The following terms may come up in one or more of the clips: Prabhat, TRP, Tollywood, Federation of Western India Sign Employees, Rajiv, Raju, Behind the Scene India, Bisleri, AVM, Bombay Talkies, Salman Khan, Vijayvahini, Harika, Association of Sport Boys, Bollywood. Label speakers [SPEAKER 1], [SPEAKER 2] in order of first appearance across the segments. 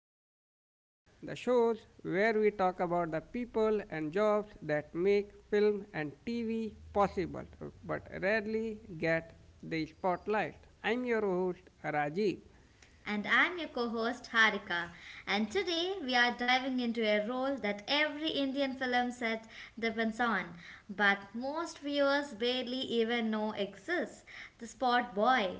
[SPEAKER 1] Scene India, the shows where we talk about the people and jobs that make film and TV possible but rarely get the spotlight. I'm your host Rajiv.
[SPEAKER 2] And I'm your co host Harika. And today we are diving into a role that every Indian film set depends on, but most viewers barely even know exists, the spot boy.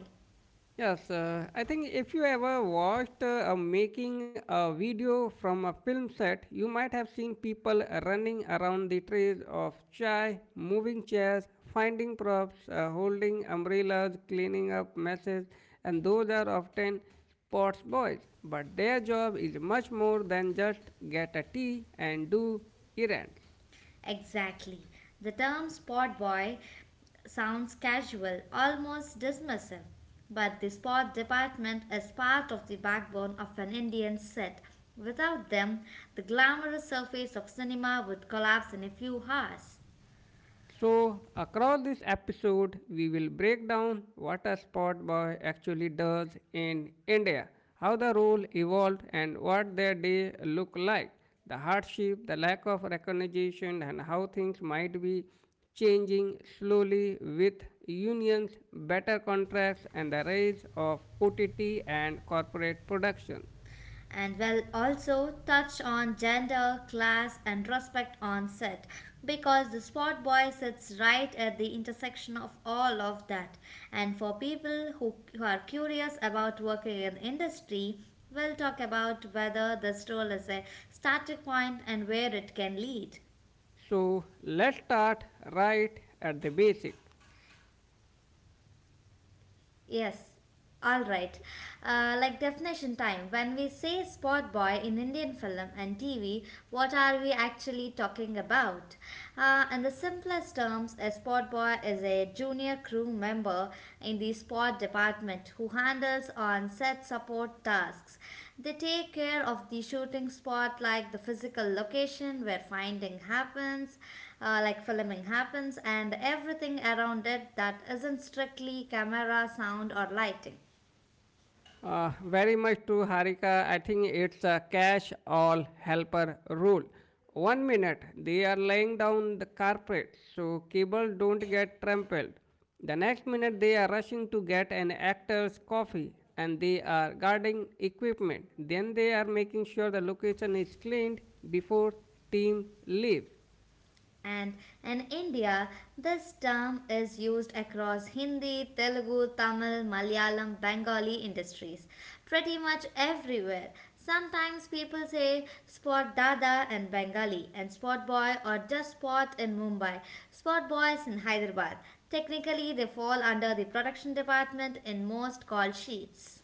[SPEAKER 1] Yes, I think if you ever watched a making a video from a film set, you might have seen people running around the trays of chai, moving chairs, finding props, holding umbrellas, cleaning up messes, and those are often sports boys. But their job is much more than just get a tea and do errands.
[SPEAKER 2] Exactly. The term spot boy sounds casual, almost dismissive. But the sport department is part of the backbone of an Indian set. Without them, the glamorous surface of cinema would collapse in a few hours.
[SPEAKER 1] So, across this episode, we will break down what a spot boy actually does in India, how the role evolved, and what their day look like, the hardship, the lack of recognition, and how things might be changing slowly with unions, better contracts, and the rise of OTT and corporate production.
[SPEAKER 2] And will also touch on gender, class, and respect on set because the sport boy sits right at the intersection of all of that. And for people who are curious about working in industry, we'll talk about whether this role is a starting point and where it can lead.
[SPEAKER 1] So, let's start right at the basics.
[SPEAKER 2] Yes, all right. Like definition time. When we say spot boy in Indian film and TV, what are we actually talking about? In the simplest terms, a spot boy is a junior crew member in the sport department who handles on-set support tasks. They take care of the shooting spot, like the physical location where finding happens, like filming happens, and everything around it that isn't strictly camera, sound, or lighting.
[SPEAKER 1] Very much to Harika. I think it's a cash all helper rule. One minute they are laying down the carpet so cable don't get trampled. The next minute they are rushing to get an actor's coffee and they are guarding equipment. Then they are making sure the location is cleaned before team leaves.
[SPEAKER 2] And in India, this term is used across Hindi, Telugu, Tamil, Malayalam, Bengali industries, pretty much everywhere. Sometimes people say spot dada in Bengali and spot boy or just spot in Mumbai, spot boys in Hyderabad. Technically, they fall under the production department in most call sheets.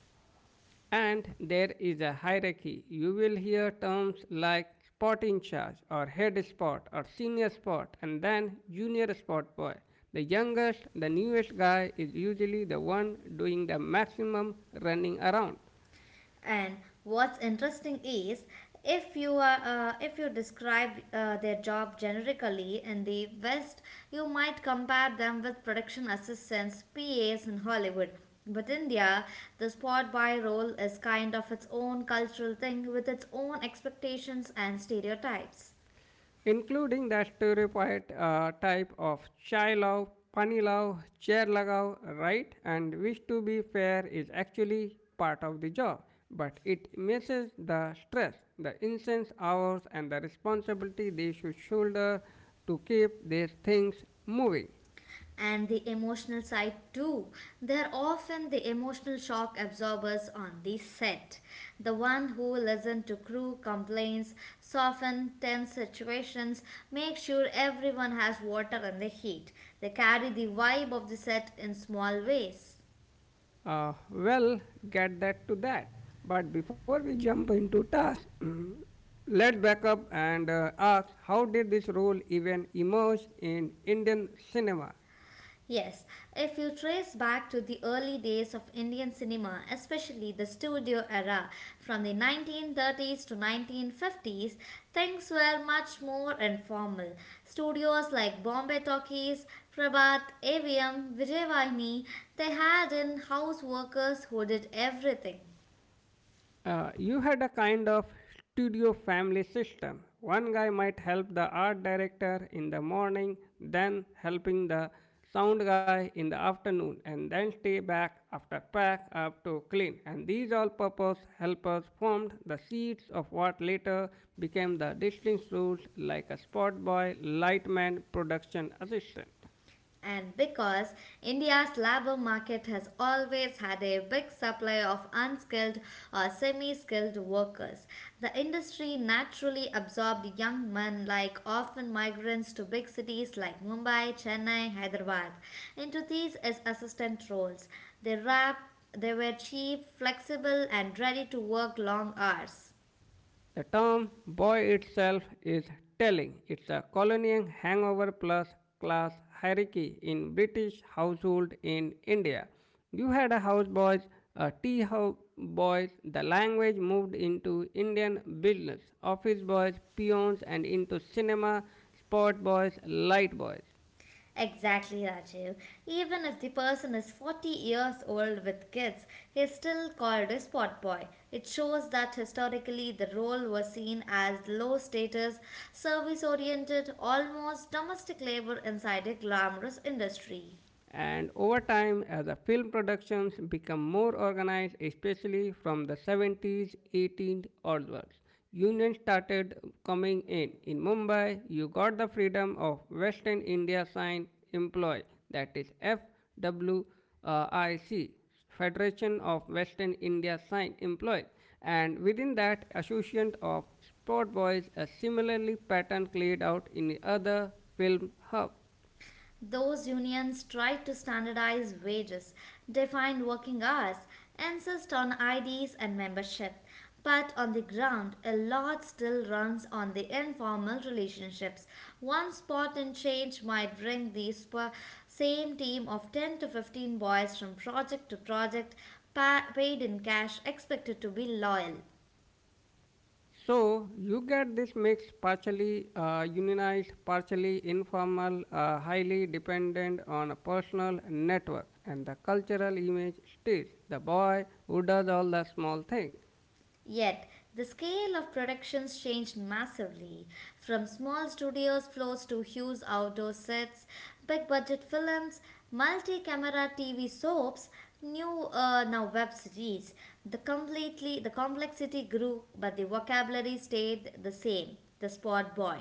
[SPEAKER 1] And there is a hierarchy. You will hear terms like spot in charge or head spot or senior spot and then junior spot boy. The youngest, the newest guy is usually the one doing the maximum running around.
[SPEAKER 2] And what's interesting is if you are if you describe their job generically in the West, you might compare them with production assistants, PAs in Hollywood. But India, the spot boy role is kind of its own cultural thing with its own expectations and stereotypes.
[SPEAKER 1] Including the stereotyped type of chai love, pani love, chair lagav, right? And which, to be fair, is actually part of the job, but it misses the stress, the intense hours, and the responsibility they should shoulder to keep these things moving.
[SPEAKER 2] And the emotional side too. They're often the emotional shock absorbers on the set. The one who listen to crew complaints, soften tense situations, make sure everyone has water in the heat. They carry the vibe of the set in small ways.
[SPEAKER 1] Uh, well, get that to that. But before we jump into tasks, let's back up and ask how did this role even emerge in Indian cinema?
[SPEAKER 2] Yes, if you trace back to the early days of Indian cinema, especially the studio era from the 1930s to 1950s, things were much more informal. Studios like Bombay Talkies, Prabhat, AVM, Vijayvahini, they had in-house workers who did everything.
[SPEAKER 1] You had a kind of studio family system. One guy might help the art director in the morning, then helping the sound guy in the afternoon, and then stay back after pack up to clean. And these all purpose helpers formed the seeds of what later became the distinct roles like a spot boy, light man, production assistant.
[SPEAKER 2] And because India's labor market has always had a big supply of unskilled or semi skilled workers, the industry naturally absorbed young men like often migrants to big cities like Mumbai, Chennai, Hyderabad into these as assistant roles. They, rap, they were cheap, flexible, and ready to work long hours.
[SPEAKER 1] The term boy itself is telling. It's a colonial hangover plus class hierarchy in British household in India. You had a houseboys, a tea house boys. The language moved into Indian business, office boys, peons, and into cinema, sport boys, light boys.
[SPEAKER 2] Exactly, Rajiv. Even if the person is 40 years old with kids, he is still called a spot boy. It shows that historically the role was seen as low status, service oriented, almost domestic labor inside a glamorous industry.
[SPEAKER 1] And over time, as the film productions become more organized, especially from the 70s, 80s onwards, unions started coming in. In Mumbai, you got the Freedom of Western India Sign Employee, that is FWIC, Federation of Western India Sign Employees, and within that, Association of Sport Boys, a similarly pattern played out in the other film hub.
[SPEAKER 2] Those unions tried to standardize wages, define working hours, insist on IDs and membership. But on the ground, a lot still runs on the informal relationships. One spot in change might bring same team of 10 to 15 boys from project to project, paid in cash, expected to be loyal.
[SPEAKER 1] So you get this mix partially unionized, partially informal, highly dependent on a personal network and the cultural image stays the boy who does all the small things.
[SPEAKER 2] Yet, the scale of productions changed massively, from small studios floors to huge outdoor sets, big budget films, multi camera TV soaps, new now web series. The complexity grew, but the vocabulary stayed the same. The sport boy.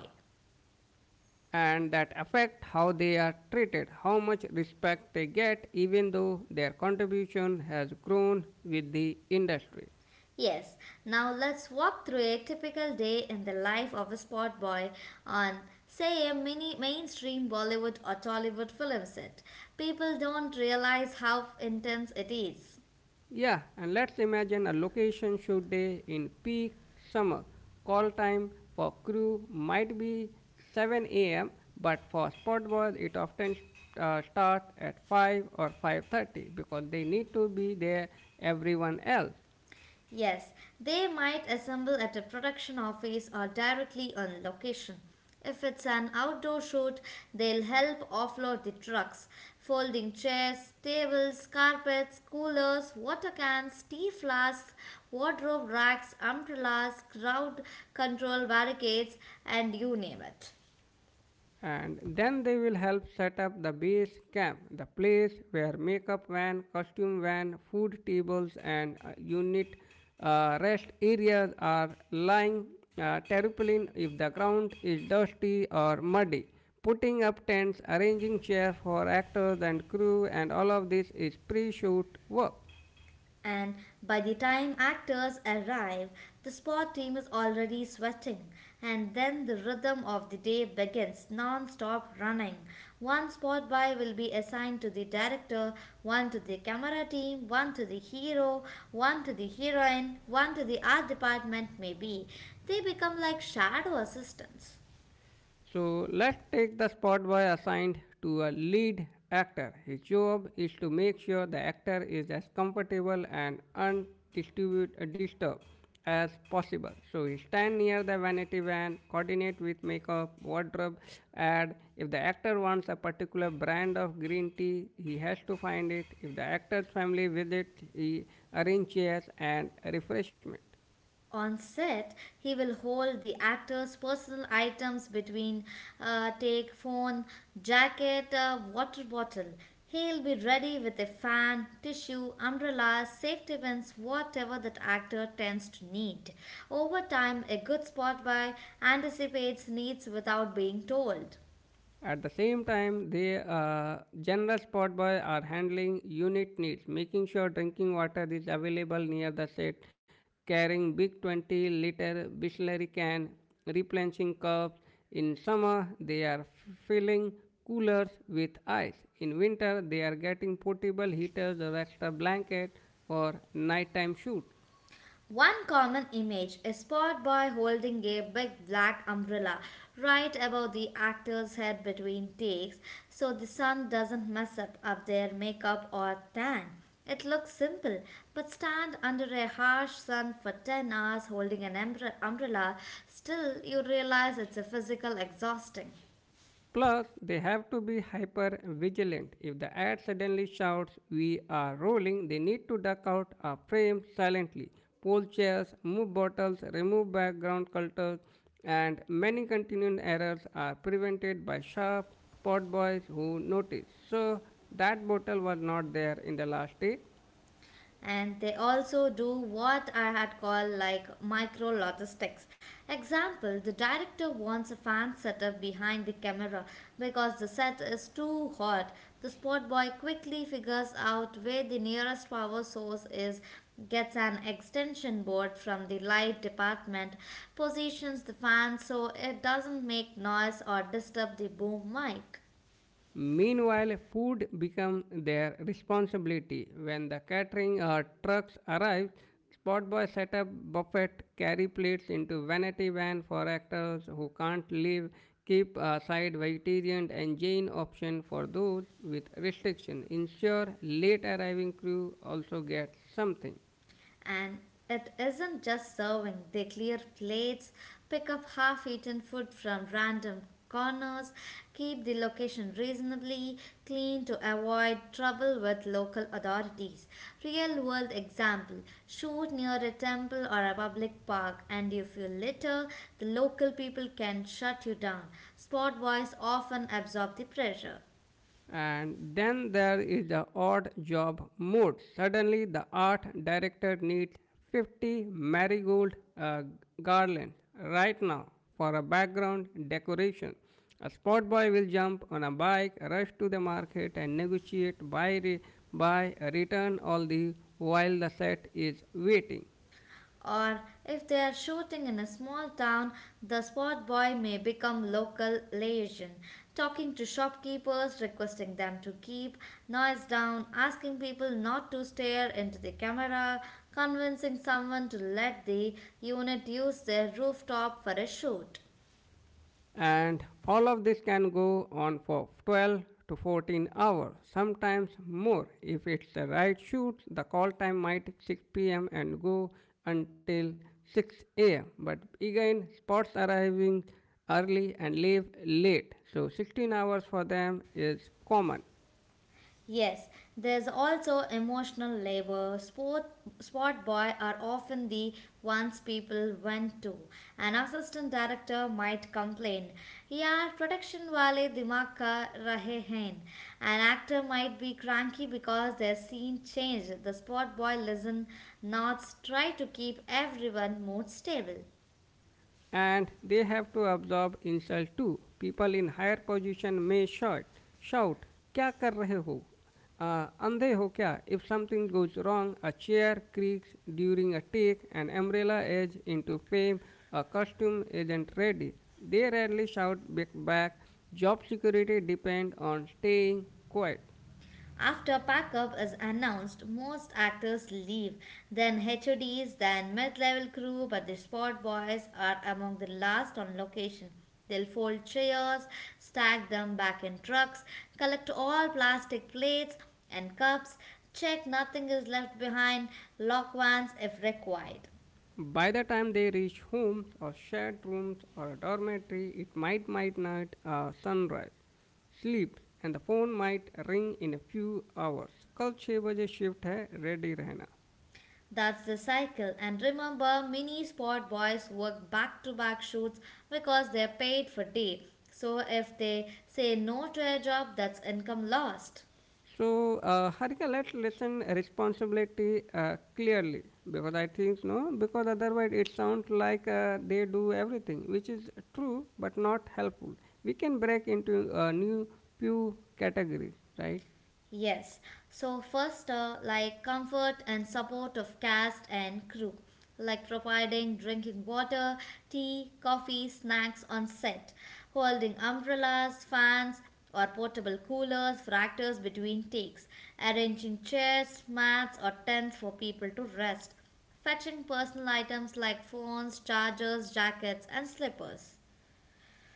[SPEAKER 1] And that affect how they are treated, how much respect they get even though their contribution has grown with the industry.
[SPEAKER 2] Yes, now let's walk through a typical day in the life of a spot boy on, say, a mini mainstream Bollywood or Tollywood film set. People don't realize how intense it is.
[SPEAKER 1] Yeah, and let's imagine a location shoot day in peak summer. Call time for crew might be 7 a.m., but for spot boys it often starts at 5 or 5:30 because they need to be there everyone else.
[SPEAKER 2] Yes, they might assemble at a production office or directly on location. If it's an outdoor shoot, they'll help offload the trucks, folding chairs, tables, carpets, coolers, water cans, tea flasks, wardrobe racks, umbrellas, crowd control barricades, and you name it.
[SPEAKER 1] And then they will help set up the base camp, the place where makeup van, costume van, food tables, and unit rest areas are lying terrapin if the ground is dusty or muddy. Putting up tents, arranging chairs for actors and crew, and all of this is pre shoot work.
[SPEAKER 2] And by the time actors arrive, the sport team is already sweating. And then the rhythm of the day begins non stop running. One spot buy will be assigned to the director, one to the camera team, one to the hero, one to the heroine, one to the art department, maybe. They become like shadow assistants.
[SPEAKER 1] So let's take the spot boy assigned to a lead actor. His job is to make sure the actor is as comfortable and undisturbed as possible. So he stand near the vanity van, coordinate with makeup, wardrobe, ad. If the actor wants a particular brand of green tea, he has to find it. If the actor's family visits, he arranges chairs and refreshment.
[SPEAKER 2] On set, he will hold the actor's personal items between take, phone, jacket, water bottle. He'll be ready with a fan, tissue, umbrella, safety pins, whatever that actor tends to need. Over time, a good spot by anticipates needs without being told.
[SPEAKER 1] At the same time, they generous sport boy are handling unit needs, making sure drinking water is available near the set, carrying big 20 liter bisleri can, replenishing cups. In summer, they are filling coolers with ice. In winter, they are getting portable heaters or extra blanket for nighttime shoot.
[SPEAKER 2] One common image is spot boy holding a big black umbrella right above the actor's head between takes so the sun doesn't mess up their makeup or tan. It looks simple, but stand under a harsh sun for 10 hours holding an umbrella, still you realize it's a physical exhausting.
[SPEAKER 1] Plus, they have to be hyper vigilant. If the ad suddenly shouts, we are rolling, they need to duck out of frame silently. Pull chairs, move bottles, remove background clutter, and many continuing errors are prevented by sharp spot boys who notice. So, that bottle was not there in the last day.
[SPEAKER 2] And they also do what I had called like micro logistics. Example, the director wants a fan setup behind the camera because the set is too hot. The spot boy quickly figures out where the nearest power source is, gets an extension board from the light department, positions the fan so it doesn't make noise or disturb the boom mic.
[SPEAKER 1] Meanwhile, food becomes their responsibility. When the catering or trucks arrive, spot boys set up buffet, carry plates into vanity van for actors who can't leave, keep a side vegetarian and Jain option for those with restriction. Ensure late arriving crew also get something.
[SPEAKER 2] And it isn't just serving, they clear plates, pick up half eaten food from random corners, keep the location reasonably clean to avoid trouble with local authorities. Real world example, shoot near a temple or a public park, and if you litter, the local people can shut you down. Spot boys often absorb the pressure.
[SPEAKER 1] And then there is the odd job mode suddenly the art director needs 50 marigold uh, garland right now for a background decoration a spot boy will jump on a bike rush to the market and negotiate buy, buy return all the while the set is waiting.
[SPEAKER 2] Or if they are shooting in a small town, the spot boy may become local liaison, talking to shopkeepers, requesting them to keep noise down, asking people not to stare into the camera, convincing someone to let the unit use their rooftop for a shoot.
[SPEAKER 1] And all of this can go on for 12 to 14 hours sometimes more if it's the right shoot the call time might 6 p.m. and go until 6 a.m. but again spots arriving early and leave late so 16 hours for them is common.
[SPEAKER 2] Yes, there's also emotional labor. Sport boy are often the ones people went to. An assistant director might complain, "Yaar, production wale दिमाग ka रहे हैं." An actor might be cranky because their scene changed. The sport boy listen, nods, try to keep everyone mood stable.
[SPEAKER 1] And they have to absorb insult too. People in higher position may shout, shout, क्या कर रहे हो? अंधे हो क्या? If something goes wrong, a chair creaks during a take, an umbrella edge into fame, a costume isn't ready. They rarely shout back. Job security depends on staying quiet.
[SPEAKER 2] After packup is announced, most actors leave. Then HODs, then mid level crew, but the spot boys are among the last on location. They'll fold chairs, stack them back in trucks, collect all plastic plates and cups, check nothing is left behind, lock vans if required.
[SPEAKER 1] By the time they reach homes or shared rooms or a dormitory, it might not sunrise. Sleep and the phone might ring in a few hours. कल छः बजे shift है ready रहना.
[SPEAKER 2] That's the cycle. And remember, mini sport boys work back to back shoots because they're paid for day. So if they say no to a job, that's income lost.
[SPEAKER 1] So, Harika, let's listen responsibility clearly because I think no, because otherwise it sounds like they do everything, which is true but not helpful. We can break into a new few categories, right?
[SPEAKER 2] Yes. So first, like comfort and support of cast and crew, like providing drinking water, tea, coffee, snacks on set, holding umbrellas, fans, or portable coolers for actors between takes, arranging chairs, mats, or tents for people to rest, fetching personal items like phones, chargers, jackets, and slippers.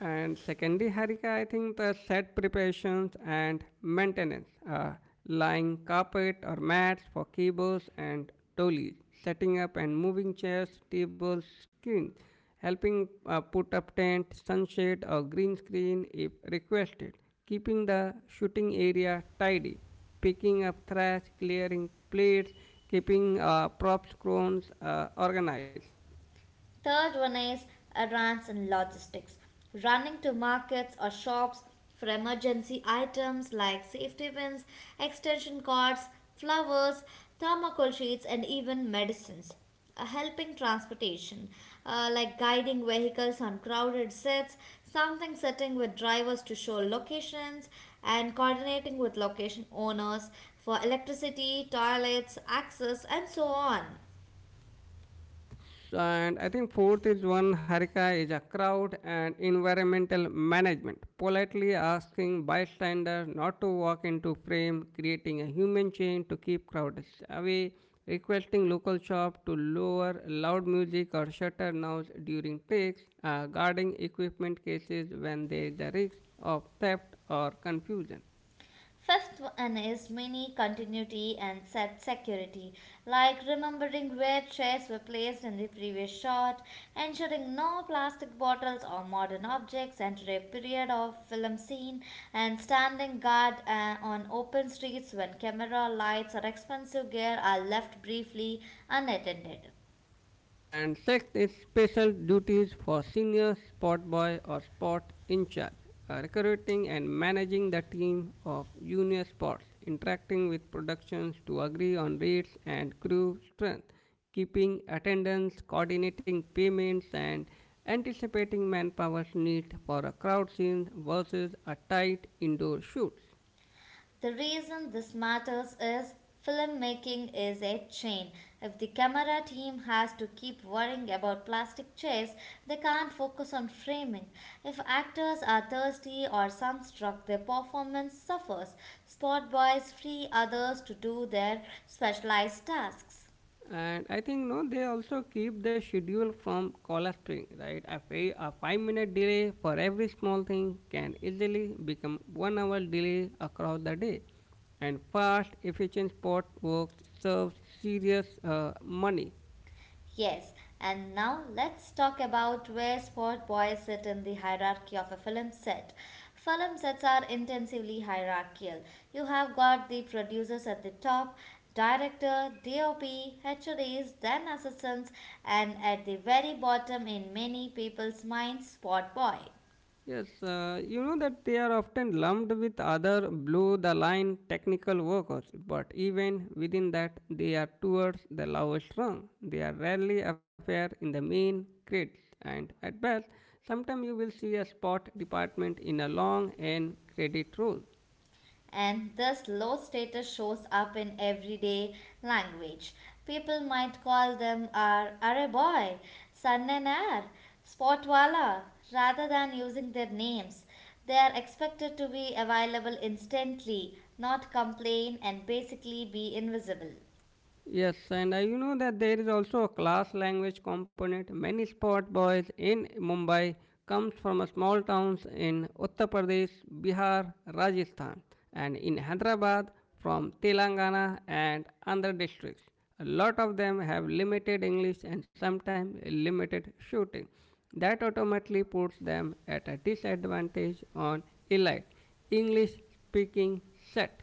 [SPEAKER 1] And secondly, Harika, I think the set preparations and maintenance, lying carpet or mats for keyboards and dollies, setting up and moving chairs, tables, screens, helping put up tent, sunshade or green screen if requested, keeping the shooting area tidy, picking up trash, clearing plates, keeping props, crones organized.
[SPEAKER 2] Third one is advance in logistics. Running to markets or shops for emergency items like safety pins, extension cords, flowers, thermocol sheets, and even medicines. Helping transportation, like guiding vehicles on crowded sets, something sitting with drivers to show locations, and coordinating with location owners for electricity, toilets, access, and so on.
[SPEAKER 1] And I think fourth is one Harika is a crowd and environmental management, politely asking bystanders not to walk into frame, creating a human chain to keep crowds away, requesting local shop to lower loud music or shutter noise during takes, guarding equipment cases when there is a risk of theft or confusion.
[SPEAKER 2] Fifth one is mini continuity and set security, like remembering where trays were placed in the previous shot, ensuring no plastic bottles or modern objects enter a period of film scene, and standing guard on open streets when camera lights or expensive gear are left briefly unattended.
[SPEAKER 1] And sixth is special duties for senior sport boy or sport in charge, recruiting and managing the team of junior sports, interacting with productions to agree on rates and crew strength, keeping attendance, coordinating payments, and anticipating manpower's need for a crowd scene versus a tight indoor shoot.
[SPEAKER 2] The reason this matters is filmmaking is a chain. If the camera team has to keep worrying about plastic chairs, they can't focus on framing. If actors are thirsty or sunstruck, their performance suffers. Spot boys free others to do their specialized tasks.
[SPEAKER 1] And I think no they also keep the schedule from color string right a, a 5 minute delay for every small thing can easily become 1 hour delay across the day and fast efficient spot works serves serious money.
[SPEAKER 2] Yes, and now let's talk about where Sport Boys sit in the hierarchy of a film set. Film sets are intensively hierarchical. You have got the producers at the top, director, DOP, HODs, then assistants, and at the very bottom in many people's minds, Sport Boy.
[SPEAKER 1] Yes, you know that they are often lumped with other blue the line technical workers, but even within that, they are towards the lowest rung. They are rarely appear in the main grids, and at best, sometimes you will see a spot department in a long N credit role.
[SPEAKER 2] And this low status shows up in everyday language. People might call them our are boy, sannanar, spotwala, rather than using their names. They are expected to be available instantly, not complain, and basically be invisible.
[SPEAKER 1] Yes, and you know that there is also a class language component. Many sport boys in Mumbai comes from a small towns in Uttar Pradesh, Bihar, Rajasthan, and in Hyderabad from Telangana and Andhra districts. A lot of them have limited English and sometimes limited shooting. That automatically puts them at a disadvantage on elite English speaking set.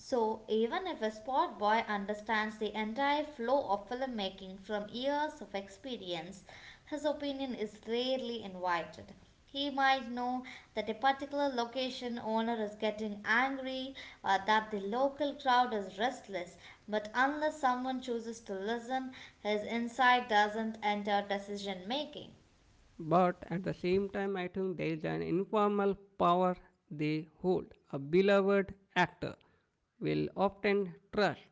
[SPEAKER 2] So, even if a sport boy understands the entire flow of filmmaking from years of experience, his opinion is rarely invited. He might know that a particular location owner is getting angry or that the local crowd is restless, but unless someone chooses to listen, his insight doesn't enter decision making.
[SPEAKER 1] But at the same time, I think there is an informal power they hold. A beloved actor will often trust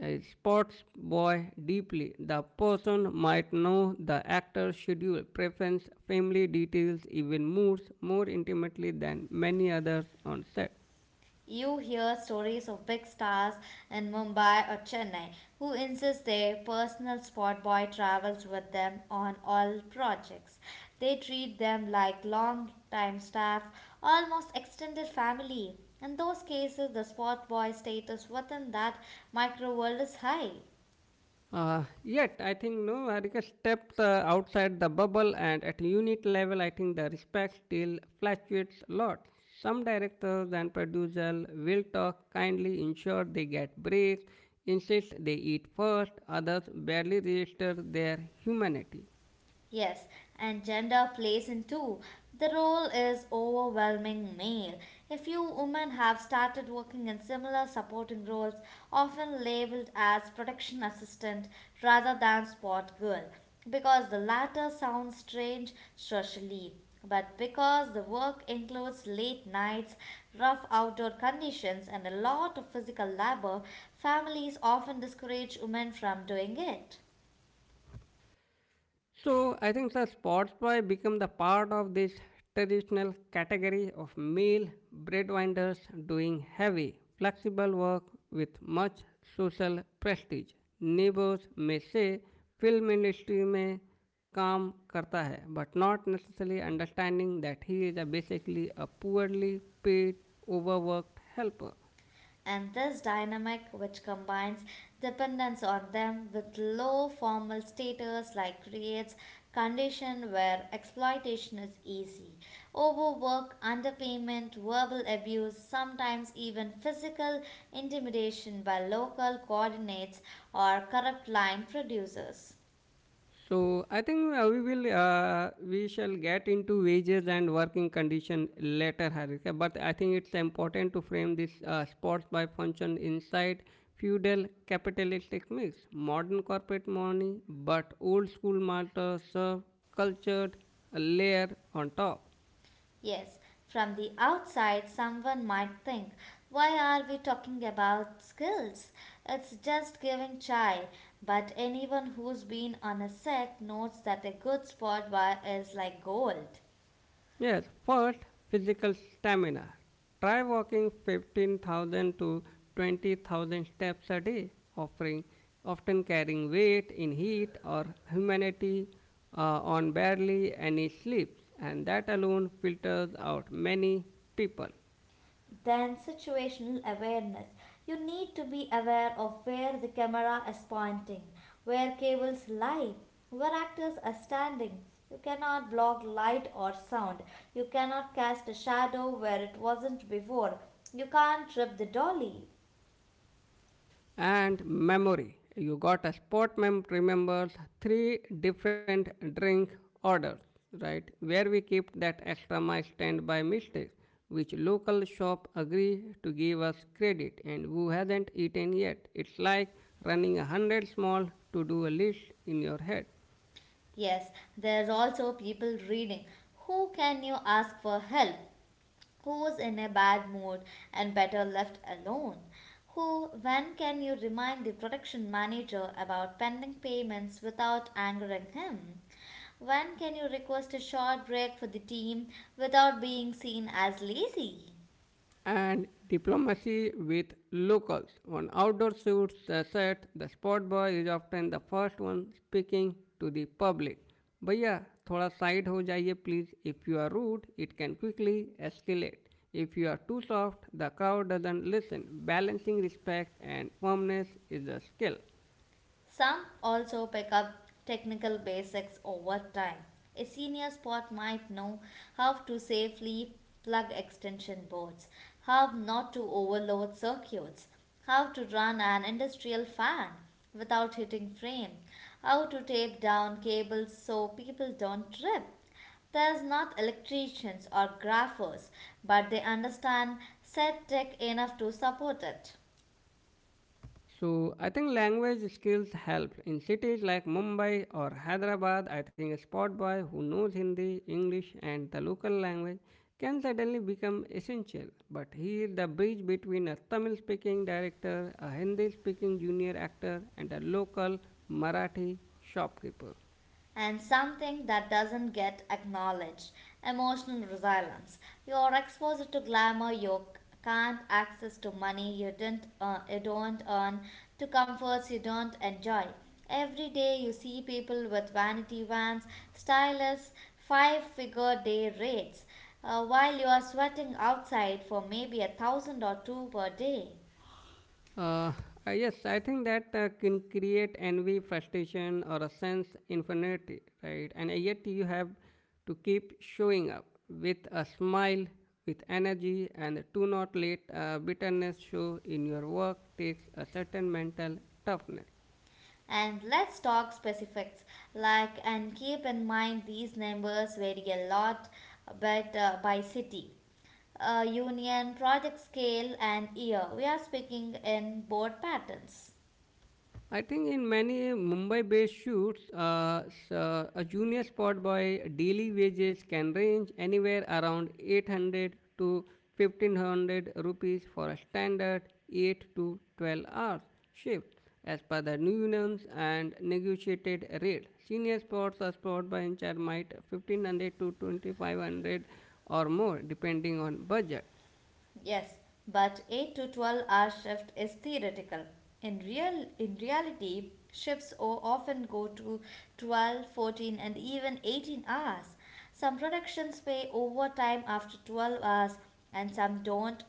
[SPEAKER 1] a sports boy deeply. The person might know the actor's schedule, preference, family details, even moods more intimately than many others on set.
[SPEAKER 2] You hear stories of big stars in Mumbai or Chennai who insist their personal sport boy travels with them on all projects. They treat them like long time staff, almost extended family. In those cases, the sport boy status within that micro world is high.
[SPEAKER 1] Yet, I think no, Harika steps outside the bubble, and at unit level, I think the respect still fluctuates a lot. Some directors and producers will talk kindly, ensure they get breaks, insist they eat first, others barely register their humanity.
[SPEAKER 2] Yes, and gender plays in too. The role is overwhelming male. A few women have started working in similar supporting roles, often labeled as protection assistant rather than sport girl, because the latter sounds strange socially. But because the work includes late nights, rough outdoor conditions, and a lot of physical labor, families often discourage women from doing it.
[SPEAKER 1] So I think the Spotify become the part of this traditional category of male breadwinners doing heavy, flexible work with much social prestige. Neighbors may say film industry में काम करता है but not necessarily understanding that he is a basically a poorly paid overworked helper.
[SPEAKER 2] And this dynamic, which combines dependence on them with low formal status, like creates condition where exploitation is easy. Overwork, underpayment, verbal abuse, sometimes even physical intimidation by local coordinates or corrupt line producers.
[SPEAKER 1] So I think we shall get into wages and working condition later, Harika. But I think it's important to frame this sports by function inside feudal capitalistic mix, modern corporate money, but old school master serve cultured layer on top.
[SPEAKER 2] Yes, from the outside, someone might think, why are we talking about skills? It's just giving chai. But anyone who's been on a set knows that a good spot bar is like gold.
[SPEAKER 1] Yes, first, physical stamina. Try walking 15,000 to 20,000 steps a day, offering, often carrying weight in heat or humidity, on barely any sleep, and that alone filters out many people.
[SPEAKER 2] Then situational awareness. You need to be aware of where the camera is pointing, where cables lie, where actors are standing. You cannot block light or sound. You cannot cast a shadow where it wasn't before. You can't trip the dolly.
[SPEAKER 1] And memory. You got a sport mem remembers three different drink orders, right? Where we keep that extra mile stand by mistake, which local shop agree to give us credit, and who hasn't eaten yet. It's like running a hundred small to do a list in your head.
[SPEAKER 2] Yes, there's also people reading. Who can you ask for help? Who's in a bad mood and better left alone. Who, when can you remind the production manager about pending payments without angering him? When can you request a short break for the team without being seen as lazy?
[SPEAKER 1] And diplomacy with locals. On outdoor shoots, the set, the spot boy is often the first one speaking to the public. भैया थोड़ा side हो जाइए please if you are rude it can quickly escalate if you are too soft the crowd doesn't listen balancing respect and firmness is a skill.
[SPEAKER 2] Some also pick up technical basics over time. A senior spot might know how to safely plug extension boards, how not to overload circuits, how to run an industrial fan without hitting frame, how to tape down cables so people don't trip. There's not electricians or graphers, but they understand set tech enough to support it.
[SPEAKER 1] So I think language skills help in cities like Mumbai or Hyderabad. I think a spot boy who knows Hindi, English, and the local language can suddenly become essential. But here the bridge between a Tamil-speaking director, a Hindi-speaking junior actor, and a local Marathi shopkeeper.
[SPEAKER 2] And something that doesn't get acknowledged emotional resilience. You're exposed to glamour you can't access, to money you didn't earn, you don't earn, to comforts you don't enjoy. Every day you see people with vanity vans, stylish, five figure day rates, while you are sweating outside for maybe a thousand or two per day.
[SPEAKER 1] Uh, yes, I think that can create envy, frustration, or a sense infinity, right? And yet you have to keep showing up with a smile, with energy, and do not let bitterness show in your work takes a certain mental toughness.
[SPEAKER 2] And let's talk specifics like and keep in mind these numbers vary a lot but by city union project scale and year we are speaking in board patterns.
[SPEAKER 1] I think in many Mumbai-based shoots, a junior spot boy daily wages can range anywhere around 800 to 1500 rupees for a standard 8 to 12 hours shift as per the new unions and negotiated rate. Senior spots or spot by in charge might 1500 to 2500 or more depending on budget.
[SPEAKER 2] Yes, but 8 to 12 hour shift is theoretical. In reality, shifts often go to 12, 14, and even 18 hours. Some productions pay overtime after 12 hours and some don't,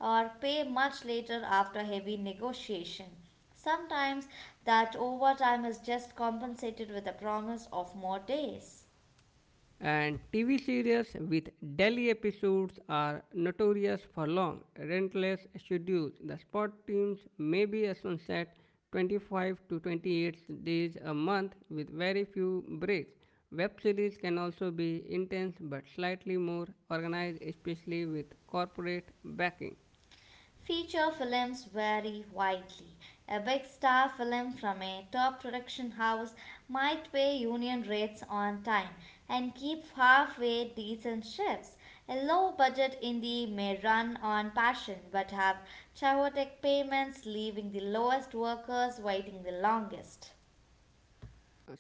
[SPEAKER 2] or pay much later after heavy negotiation. Sometimes that overtime is just compensated with a promise of more days.
[SPEAKER 1] And TV series with daily episodes are notorious for long, relentless schedules. The sport teams may be a sunset 25 to 28 days a month with very few breaks. Web series can also be intense but slightly more organized, especially with corporate backing.
[SPEAKER 2] Feature films vary widely. A big star film from a top production house might pay union rates on time and keep halfway decent shifts. A low budget indie may run on passion but have chaotic payments, leaving the lowest workers waiting the longest.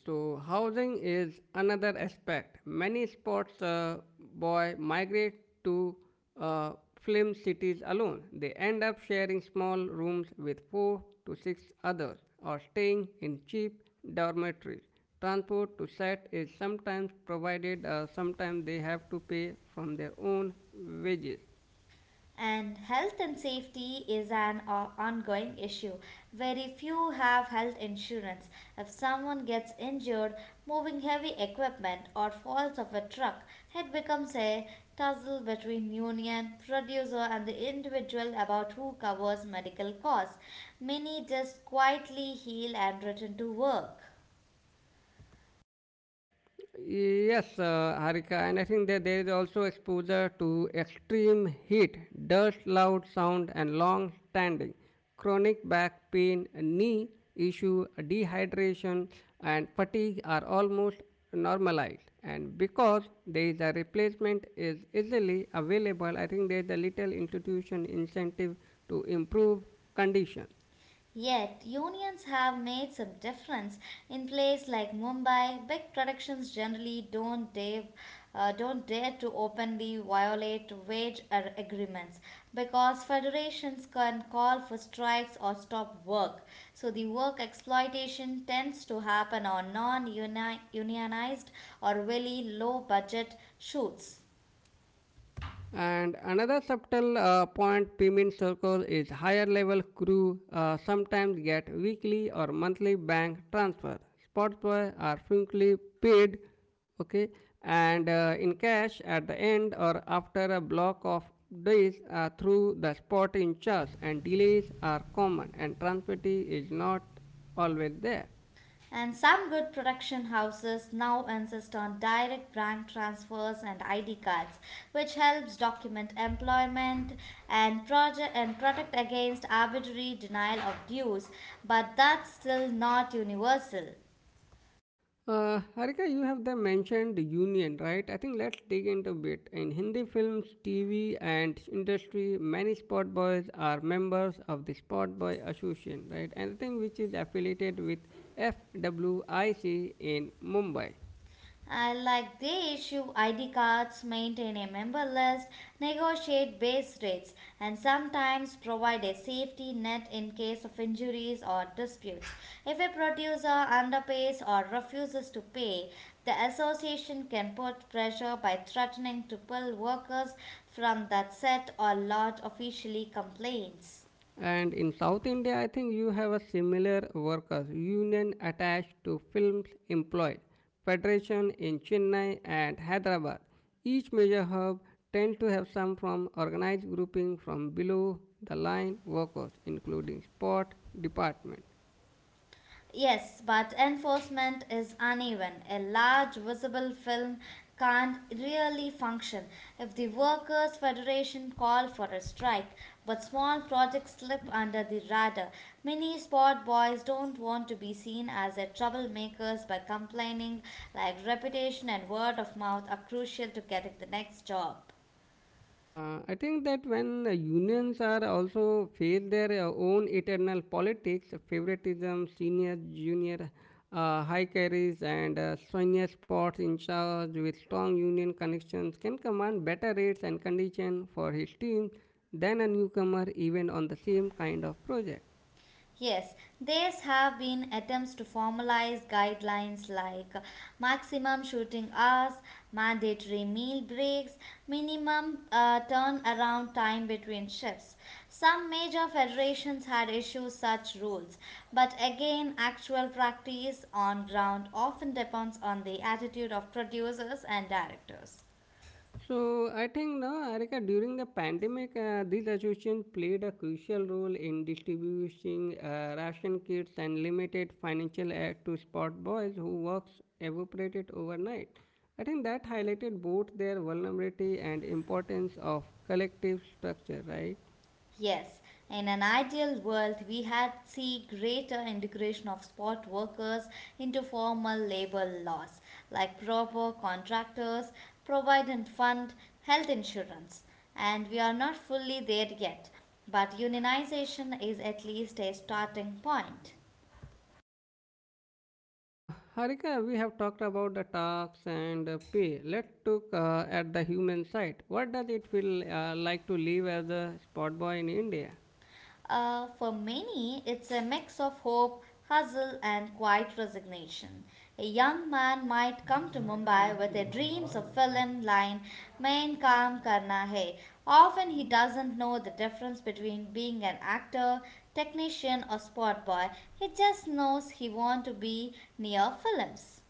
[SPEAKER 1] So housing is another aspect. Many sports boy migrate to uh, film cities alone. They end up sharing small rooms with 4 to 6 others or staying in cheap dormitories. Transport to set is sometimes provided, sometimes they have to pay from their own wages.
[SPEAKER 2] And health and safety is an ongoing issue. Very few have health insurance. If someone gets injured moving heavy equipment or falls off a truck, it becomes a tussle between union, producer, and the individual about who covers medical costs. Many just quietly heal and return to work.
[SPEAKER 1] Yes, Harika, and I think that there is also exposure to extreme heat, dust, loud sound, and long standing, chronic back pain, knee issue, dehydration, and fatigue are almost normalized. And because there is a replacement is easily available, I think there is a little institution incentive to improve condition.
[SPEAKER 2] Yet, unions have made some difference in places like Mumbai. Big productions generally don't dare to openly violate wage agreements because federations can call for strikes or stop work. So, the work exploitation tends to happen on non unionized or really low budget shoots.
[SPEAKER 1] And another subtle point payment circle is higher level crew sometimes get weekly or monthly bank transfer. Sportsboy are frequently paid, okay, and in cash at the end or after a block of days through the spot in charge. And delays are common, and transparency is not always there.
[SPEAKER 2] And some good production houses now insist on direct bank transfers and ID cards, which helps document employment and project and protect against arbitrary denial of dues, but that's still not universal.
[SPEAKER 1] Harika, you have the mentioned union, right? I think let's dig into it. In Hindi films, TV, and industry, many sport boys are members of the Sport Boy Association, right? Anything which is affiliated with FWIC in Mumbai.
[SPEAKER 2] Like they issue ID cards, maintain a member list, negotiate base rates, and sometimes provide a safety net in case of injuries or disputes. If a producer underpays or refuses to pay, the association can put pressure by threatening to pull workers from that set or lodge officially complaints.
[SPEAKER 1] And in South India, I think you have a similar workers union attached to films employ federation in Chennai and Hyderabad. Each major hub tend to have some from organized grouping from below the line workers, including sport department.
[SPEAKER 2] Yes, but enforcement is uneven. A large visible film can't really function if the workers' federation call for a strike, but small projects slip under the radar. Many sport boys don't want to be seen as a troublemakers by complaining like reputation and word of mouth are crucial to getting the next job.
[SPEAKER 1] I think that when the unions are also face their own eternal politics, favoritism, senior, junior, high carries, and senior spots in charge with strong union connections can command better rates and condition for his team than a newcomer even on the same kind of project.
[SPEAKER 2] Yes, there have been attempts to formalize guidelines like maximum shooting hours, mandatory meal breaks, minimum turnaround time between shifts. Some major federations had issued such rules, but again, actual practice on ground often depends on the attitude of producers and directors.
[SPEAKER 1] So I think no, Arika, during the pandemic, these associations played a crucial role in distributing ration kits and limited financial aid to spot boys who works evaporated overnight. I think that highlighted both their vulnerability and importance of collective structure, right?
[SPEAKER 2] Yes, in an ideal world, we had see greater integration of spot workers into formal labor laws, like proper contractors, provident fund, health insurance. And we are not fully there yet, but unionization is at least a starting point.
[SPEAKER 1] Harika, we have talked about the tax and pay. Let's look at the human side. What does it feel like to live as a spot boy in India?
[SPEAKER 2] For many, it's a mix of hope, hustle, and quiet resignation. A young man might come to Mumbai with a dreams of film line, main kaam karna hai. Often he doesn't know the difference between being an actor, technician, or sport boy. He just knows he wants to be near films.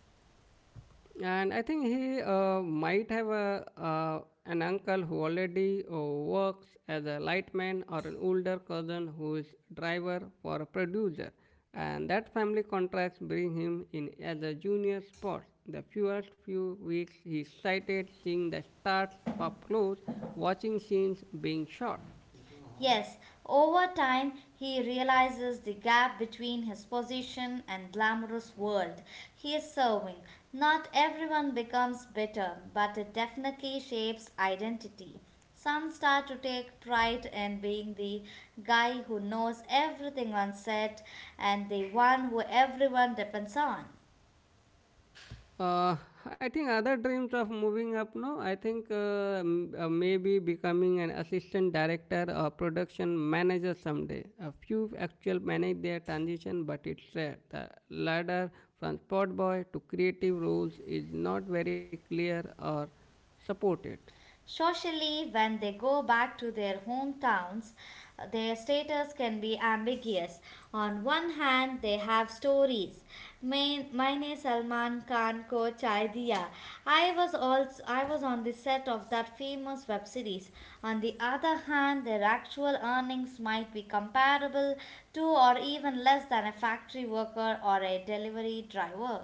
[SPEAKER 1] And I think he might have a, an uncle who already works as a lightman or an older cousin who is driver for a producer. And that family contracts bring him in as a junior sport. The first few weeks he's excited seeing the stars up close, watching scenes being shot.
[SPEAKER 2] Yes, over time he realizes the gap between his position and glamorous world he is serving. Not everyone becomes bitter, but it definitely shapes identity. Some start to take pride in being the guy who knows everything on set and the one who everyone depends on.
[SPEAKER 1] Uh, I think other dreams of moving up. No, I think maybe becoming an assistant director or production manager someday. A few actually manage their transition, but it's rare. The ladder from sport boy to creative roles is not very clear or supported.
[SPEAKER 2] Socially, when they go back to their hometowns, their status can be ambiguous. On one hand, they have stories. Main, मैंने सलमान खान को चाय दिया. I was on the set of that famous web series. On the other hand, their actual earnings might be comparable to or even less than a factory worker or a delivery driver.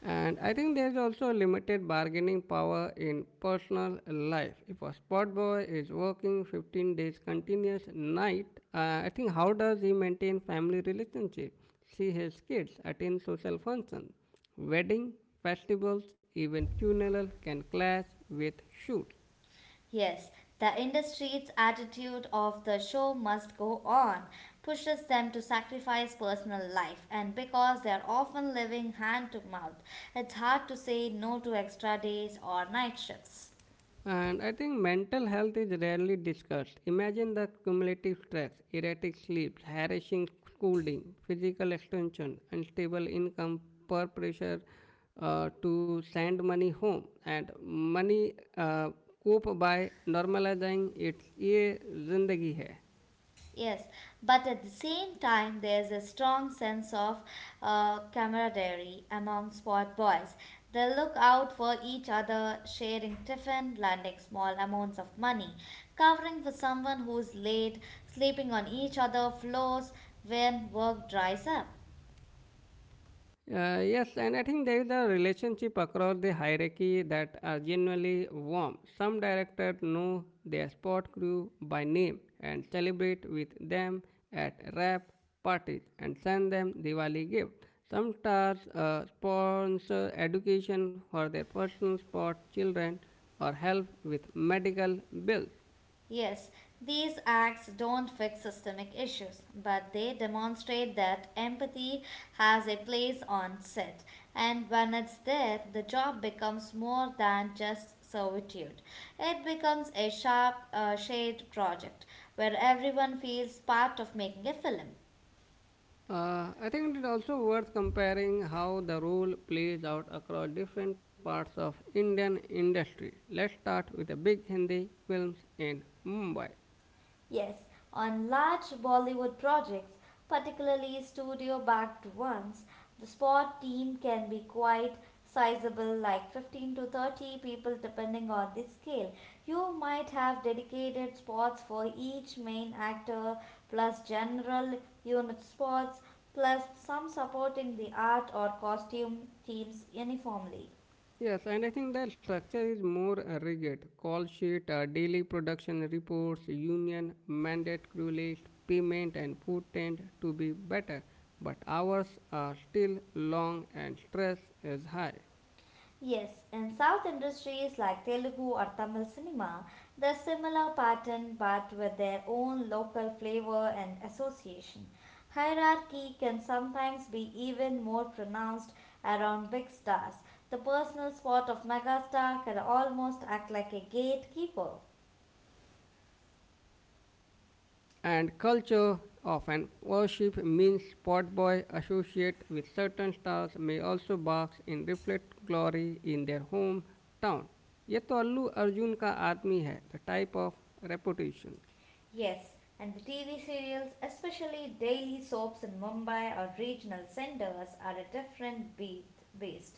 [SPEAKER 1] And I think there's also limited bargaining power in personal life. If a spot boy is working 15 days continuous night, I think how does he maintain family relationship, see his kids, attend social functions? Wedding, festivals, even funeral can clash with shoot.
[SPEAKER 2] Yes, the industry's attitude of the show must go on pushes them to sacrifice personal life, and because they are often living hand to mouth, it's hard to say no to extra days or night shifts.
[SPEAKER 1] And I think mental health is rarely discussed. Imagine the cumulative stress, erratic sleeps, harassing schooling, physical extension, unstable income, peer pressure to send money home, and money cope by normalizing its. ये जिंदगी है.
[SPEAKER 2] Yes, but at the same time, there's a strong sense of camaraderie among sport boys. They look out for each other, sharing tiffin, lending small amounts of money, covering for someone who's late, sleeping on each other's floors when work dries up.
[SPEAKER 1] Yes, and I think there is a relationship across the hierarchy that are genuinely warm. Some directors know their sport crew by name and celebrate with them at rap parties and send them Diwali gifts. Some stars sponsor education for their personal sport children or help with medical bills.
[SPEAKER 2] Yes, these acts don't fix systemic issues, but they demonstrate that empathy has a place on set. And when it's there, the job becomes more than just servitude. It becomes a sharp, shade project where everyone feels part of making a film.
[SPEAKER 1] I think it is also worth comparing how the rule plays out across different parts of Indian industry. Let's start with the big Hindi films in Mumbai.
[SPEAKER 2] Yes, on large Bollywood projects, particularly studio backed ones, the sport team can be quite sizable, like 15 to 30 people, depending on the scale. You might have dedicated sports for each main actor, plus general unit sports, plus some supporting the art or costume teams uniformly.
[SPEAKER 1] Yes, and I think the structure is more rigid. Call sheet, daily production reports, union mandate crew list, payment and food tend to be better, but hours are still long and stress is high.
[SPEAKER 2] Yes, in South industries like Telugu or Tamil cinema, the similar pattern but with their own local flavor and association. Hierarchy can sometimes be even more pronounced around big stars. The personal spot of megastar can almost act like a gatekeeper.
[SPEAKER 1] And culture of an worship means spot boy associate with certain stars may also box and reflect glory in their hometown. ये तो अल्लू अर्जुन का आदमी है. The type of reputation.
[SPEAKER 2] Yes, and the TV serials, especially daily soaps in Mumbai or regional centers, are a different beat beast.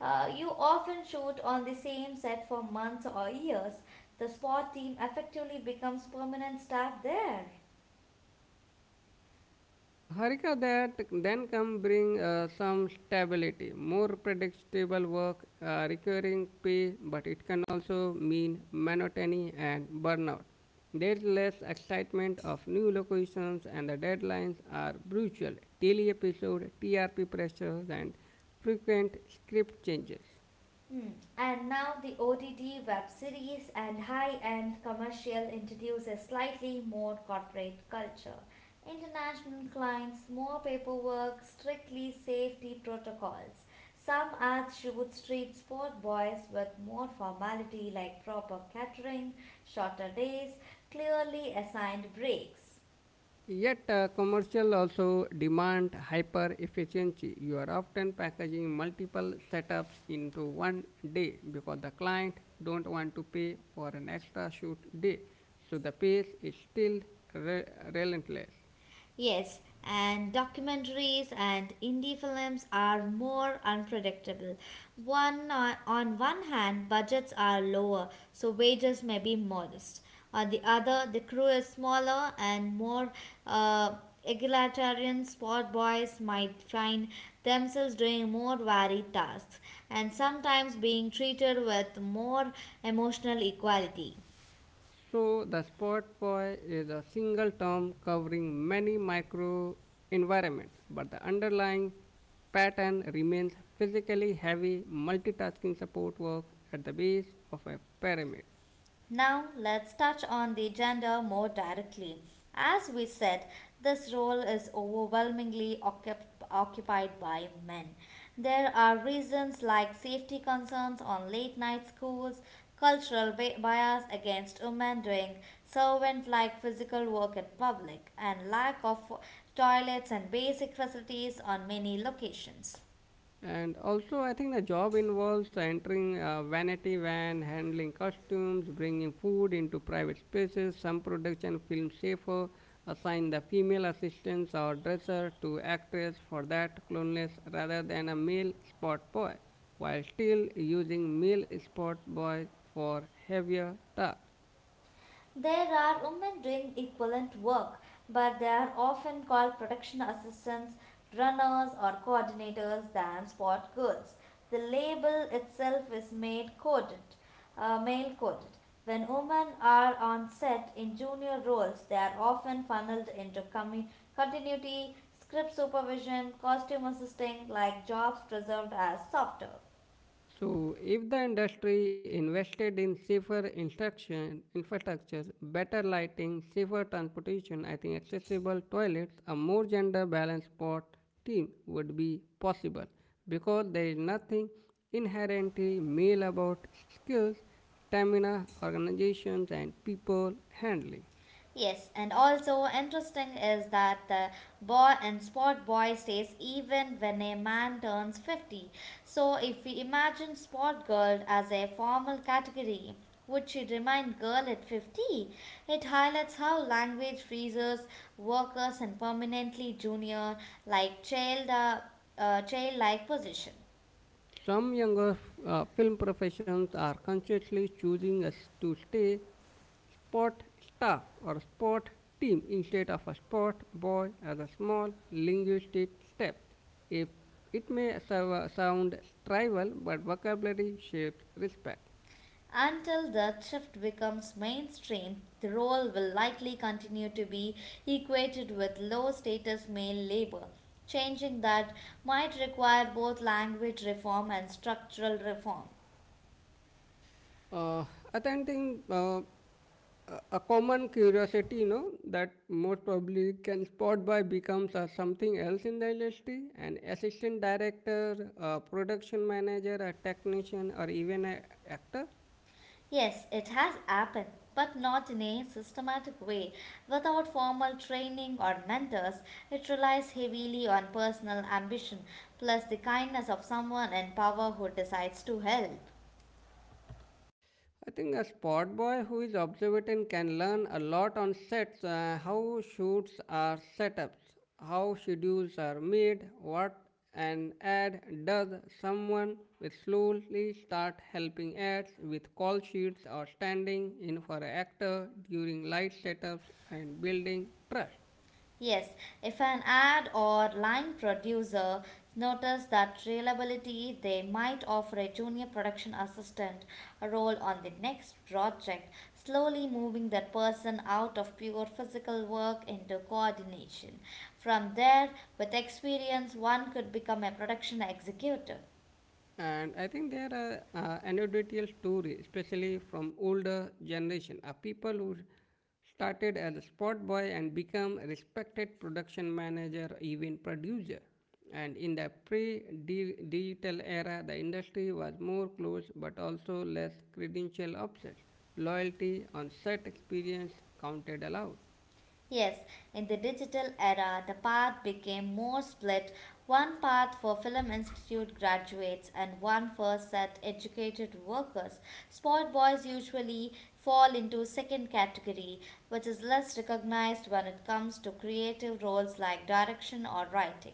[SPEAKER 2] You often shoot on the same set for months or years. The sport team effectively becomes permanent staff there.
[SPEAKER 1] Harika, that then come bring some stability, more predictable work, recurring pay, but it can also mean monotony and burnout. There's less excitement of new locations and the deadlines are brutal. Daily episode, TRP pressures, and frequent script changes.
[SPEAKER 2] Hmm. And now the ODD web series and high end commercial introduce a slightly more corporate culture. International clients, more paperwork, strictly safety protocols. Some ads shoot street sport boys with more formality like proper catering, shorter days, clearly assigned breaks.
[SPEAKER 1] Yet, commercial also demand hyper efficiency. You are often packaging multiple setups into one day because the client don't want to pay for an extra shoot day. So the pace is still re- relentless.
[SPEAKER 2] Yes, and documentaries and indie films are more unpredictable. On one hand, budgets are lower, so wages may be modest. On the other, the crew is smaller and more uh, egalitarian sport boys might find themselves doing more varied tasks and sometimes being treated with more emotional equality.
[SPEAKER 1] So the spot boy is a single term covering many micro environments, but the underlying pattern remains physically heavy multitasking support work at the base of a pyramid.
[SPEAKER 2] Now, let's touch on the gender more directly. As we said, this role is overwhelmingly occupied by men. There are reasons like safety concerns on late night schools, cultural bias against women doing servant like physical work in public, and lack of toilets and basic facilities on many locations.
[SPEAKER 1] And also, I think the job involves entering a vanity van, handling costumes, bringing food into private spaces. Some production films safer assign the female assistants or dresser to actress for that cloneless rather than a male spot boy, while still using male spot boys for heavier tasks.
[SPEAKER 2] There are women doing equivalent work, but they are often called production assistants, runners, or coordinators than sport girls. The label itself is male coded. Uh, male coded. When women are on set in junior roles, they are often funneled into continuity, script supervision, costume assisting, like jobs preserved as softer.
[SPEAKER 1] So, if the industry invested in safer instruction, infrastructure, better lighting, safer transportation, I think accessible toilets, a more gender balanced sport team would be possible because there is nothing inherently male about skills, stamina, organizations, and people handling.
[SPEAKER 2] Yes, and also interesting is that the boy and sport boy stays even when a man turns 50. So if we imagine sport girl as a formal category, would she remain girl at 50? It highlights how language freezes workers and permanently junior like child-like position.
[SPEAKER 1] Some younger film professions are consciously choosing us to stay sport staff or sport team instead of a sport boy as a small linguistic step. If it may sound trivial, but vocabulary shapes respect.
[SPEAKER 2] Until that shift becomes mainstream, the role will likely continue to be equated with low status male labor. Changing that might require both language reform and structural reform.
[SPEAKER 1] Uh, I think uh, a common curiosity, you know, that most probably can spot by becomes something else in the industry, an assistant director, a production manager, a technician, or even an actor.
[SPEAKER 2] Yes, it has happened, but not in a systematic way. Without formal training or mentors, it relies heavily on personal ambition plus the kindness of someone in power who decides to help.
[SPEAKER 1] I think a sport boy who is observant can learn a lot on sets, how shoots are set up, how schedules are made, what an ad does. Someone will slowly start helping ads with call sheets or standing in for an actor during light setups and building trust.
[SPEAKER 2] Yes, if an ad or line producer notices that reliability, they might offer a junior production assistant role on the next project, slowly moving that person out of pure physical work into coordination. From there, with experience, one could become a production executive.
[SPEAKER 1] And I think there are anecdotal stories, especially from older generation of people who started as a spot boy and become respected production manager even producer. And in the pre-digital era, the industry was more closed but also less credential obsessed, loyalty on set experience counted aloud.
[SPEAKER 2] Yes, in the digital era, the path became more split. One path for Film Institute graduates and one for set educated workers. Sport boys usually fall into second category, which is less recognized when it comes to creative roles like direction or writing.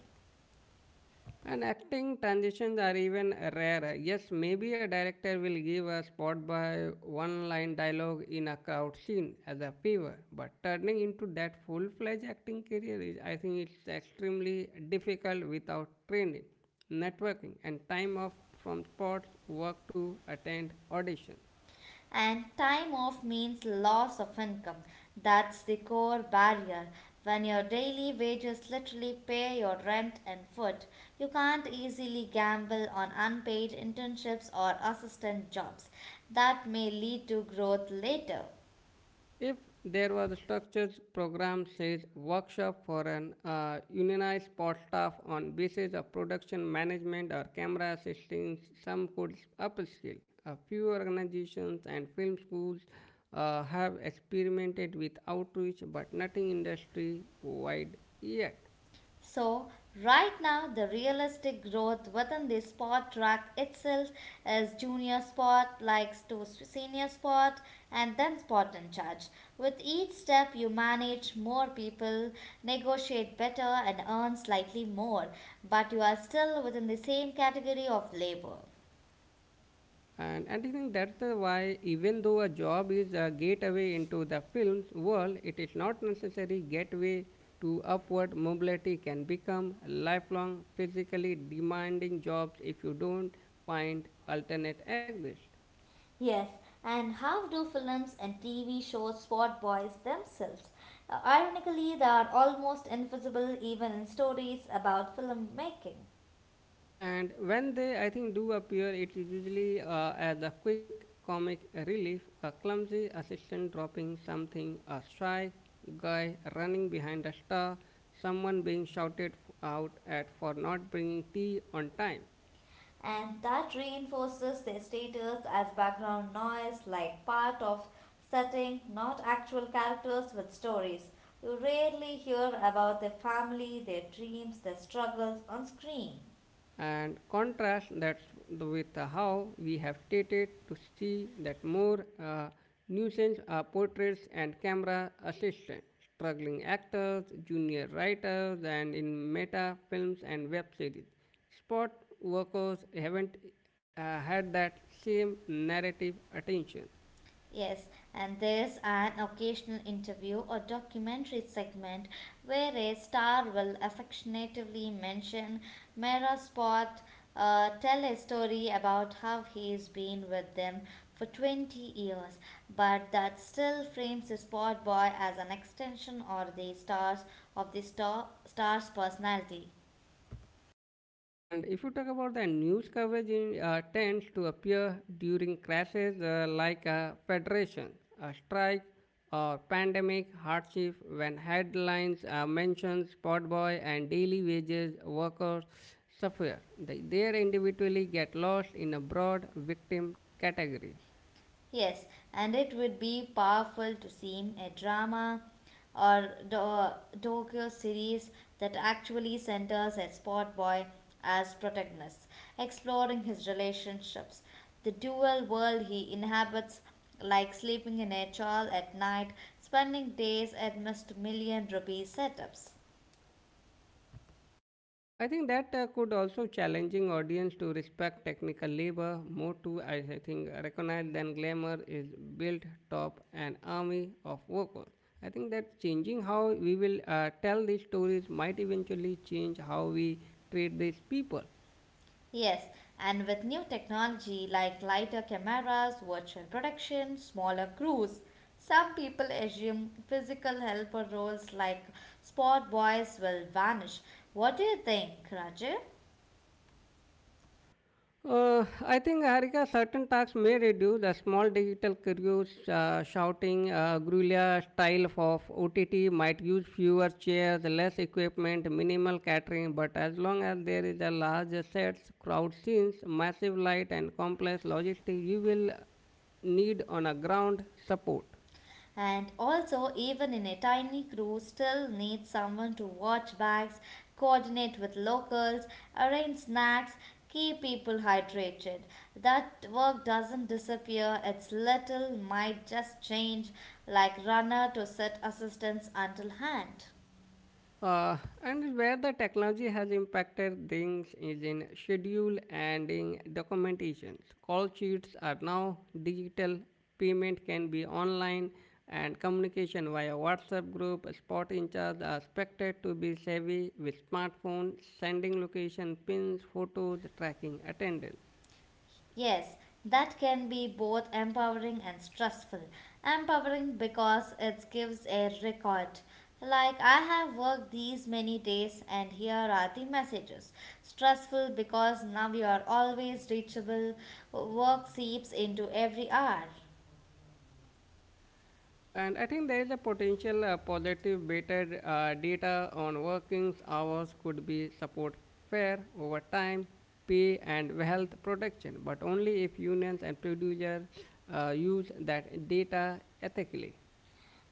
[SPEAKER 1] And acting transitions are even rarer. Yes, maybe a director will give a spot by one line dialogue in a crowd scene as a favor, but turning into that full fledged acting career is, I think, it's extremely difficult without training, networking, and time off from sports work to attend auditions.
[SPEAKER 2] And time off means loss of income. That's the core barrier. When your daily wages literally pay your rent and food, you can't easily gamble on unpaid internships or assistant jobs that may lead to growth later.
[SPEAKER 1] If there was a structured program, says workshop for an unionized sport staff on basis of production management or camera assistance, some could upskill. A few organizations and film schools have experimented with outreach, but nothing industry wide yet.
[SPEAKER 2] So, right now, the realistic growth within the sport track itself is junior sport, likes to senior sport, and then sport in charge. With each step, you manage more people, negotiate better, and earn slightly more, but you are still within the same category of labor.
[SPEAKER 1] And, I think that's the why, even though a job is a gateway into the film's world, it is not necessary gateway to upward mobility can become lifelong, physically demanding jobs if you don't find alternate exit.
[SPEAKER 2] Yes, and how do films and TV shows spot boys themselves? Ironically, they are almost invisible even in stories about filmmaking.
[SPEAKER 1] And when they, I think, do appear, it is usually as a quick comic relief, a clumsy assistant dropping something, a shy guy running behind a star, someone being shouted out at for not bringing tea on time.
[SPEAKER 2] And that reinforces their status as background noise, like part of setting, not actual characters with stories. You rarely hear about their family, their dreams, their struggles on screen.
[SPEAKER 1] And contrast that with how we have stated to see that more nuisance portraits and camera assistants, struggling actors, junior writers, and in meta films and web series. Spot workers haven't had that same narrative attention.
[SPEAKER 2] Yes, and there's an occasional interview or documentary segment where a star will affectionately mention Mera Spot, tell a story about how he's been with them for 20 years, but that still frames the spot boy as an extension or the stars of the star's personality.
[SPEAKER 1] And if you talk about the news coverage, it tends to appear during crashes like a federation, a strike, or pandemic hardship when headlines mention spot boy and daily wages workers suffer. They individually get lost in a broad victim category.
[SPEAKER 2] Yes, and it would be powerful to see a drama or docu series that actually centers a sport boy as protagonist, exploring his relationships, the dual world he inhabits, like sleeping in a chawl at night, spending days at Mr. Million Rupee setups.
[SPEAKER 1] I think that could also challenging audience to respect technical labor more to I think recognize than glamour is built top an army of workers. I think that changing how we will tell these stories might eventually change how we treat these people.
[SPEAKER 2] Yes, and with new technology like lighter cameras, virtual production, smaller crews, some people assume physical helper roles like sport boys will vanish. What do you think, Raju?
[SPEAKER 1] I think Harika, certain tasks may reduce the small digital careers, shouting, guerrilla style of OTT might use fewer chairs, less equipment, minimal catering, but as long as there is a large sets, crowd scenes, massive light, and complex logistics, you will need on a ground support.
[SPEAKER 2] And also, even in a tiny crew, still needs someone to watch bags, coordinate with locals, arrange snacks, keep people hydrated. That work doesn't disappear, it's little, might just change, like runner to set assistance until hand.
[SPEAKER 1] Uh, and where the technology has impacted things is in schedule and in documentation. Call sheets are now digital, payment can be online, and communication via WhatsApp group, spot in charge are expected to be savvy with smartphone, sending location, pins, photos, tracking attendance.
[SPEAKER 2] Yes, that can be both empowering and stressful. Empowering because it gives a record. Like, I have worked these many days, and here are the messages. Stressful because now you are always reachable. Work seeps into every hour.
[SPEAKER 1] And I think there is a potential positive better data on working hours could be support fair over time, pay and health protection, but only if unions and producers use that data ethically.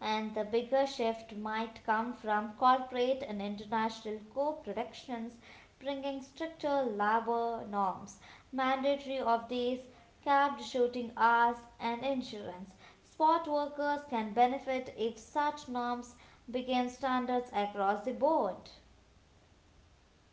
[SPEAKER 2] And the bigger shift might come from corporate and international co-productions bringing stricter labor norms, mandatory off days, capped shooting hours, and insurance. Sport workers can benefit if such norms became standards across the board.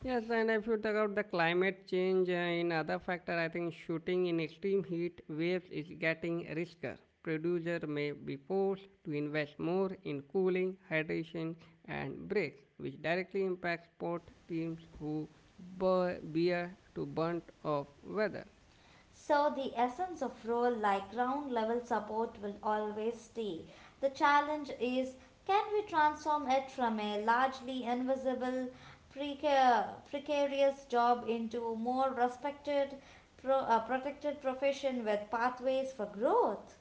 [SPEAKER 1] Yes, and if you talk about the climate change in other factor, I think shooting in extreme heat waves is getting riskier. Producer may be forced to invest more in cooling, hydration, and breaks, which directly impacts sport teams who bear to brunt of weather.
[SPEAKER 2] So the essence of role like ground level support will always stay. The challenge is, can we transform it from a largely invisible precarious job into a more respected protected profession with pathways for growth?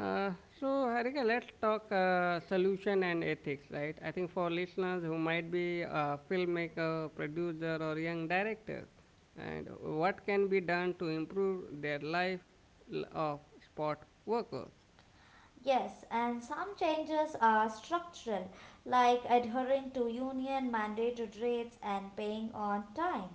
[SPEAKER 1] Uh, so, Harika, let's talk solution and ethics, right? I think for listeners who might be a filmmaker, producer, or young director, and what can be done to improve their life of sport workers.
[SPEAKER 2] Yes, and some changes are structural, like adhering to union mandated rates and paying on time,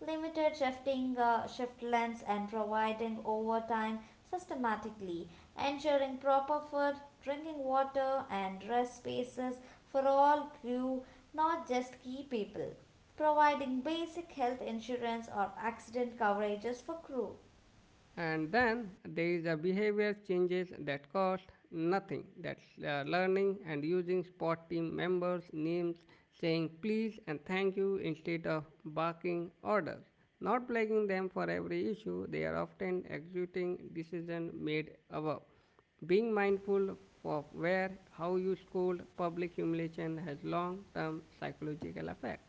[SPEAKER 2] limited shift lengths and providing overtime systematically, ensuring proper food, drinking water, and rest spaces for all crew, not just key people, providing basic health insurance or accident coverages for crew.
[SPEAKER 1] And then there is a behavior changes that cost nothing that's learning and using sport team members names, saying please and thank you instead of barking orders, not blaming them for every issue, they are often executing decisions made above, being mindful of where how you scold, public humiliation has long term psychological effect.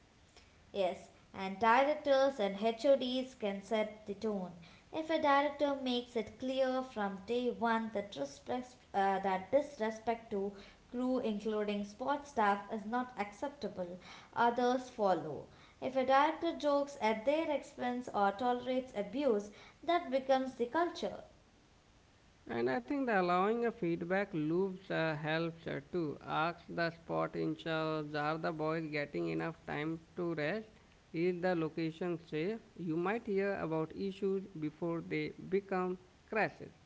[SPEAKER 2] Yes, and directors and HODs can set the tone. If a director makes it clear from day one that, that disrespect to crew, including sports staff, is not acceptable, others follow. If a director jokes at their expense or tolerates abuse, that becomes the culture.
[SPEAKER 1] And I think the allowing a feedback loops helps too. Ask the spot in charge, are the boys getting enough time to rest? Is the location safe? You might hear about issues before they become crashes.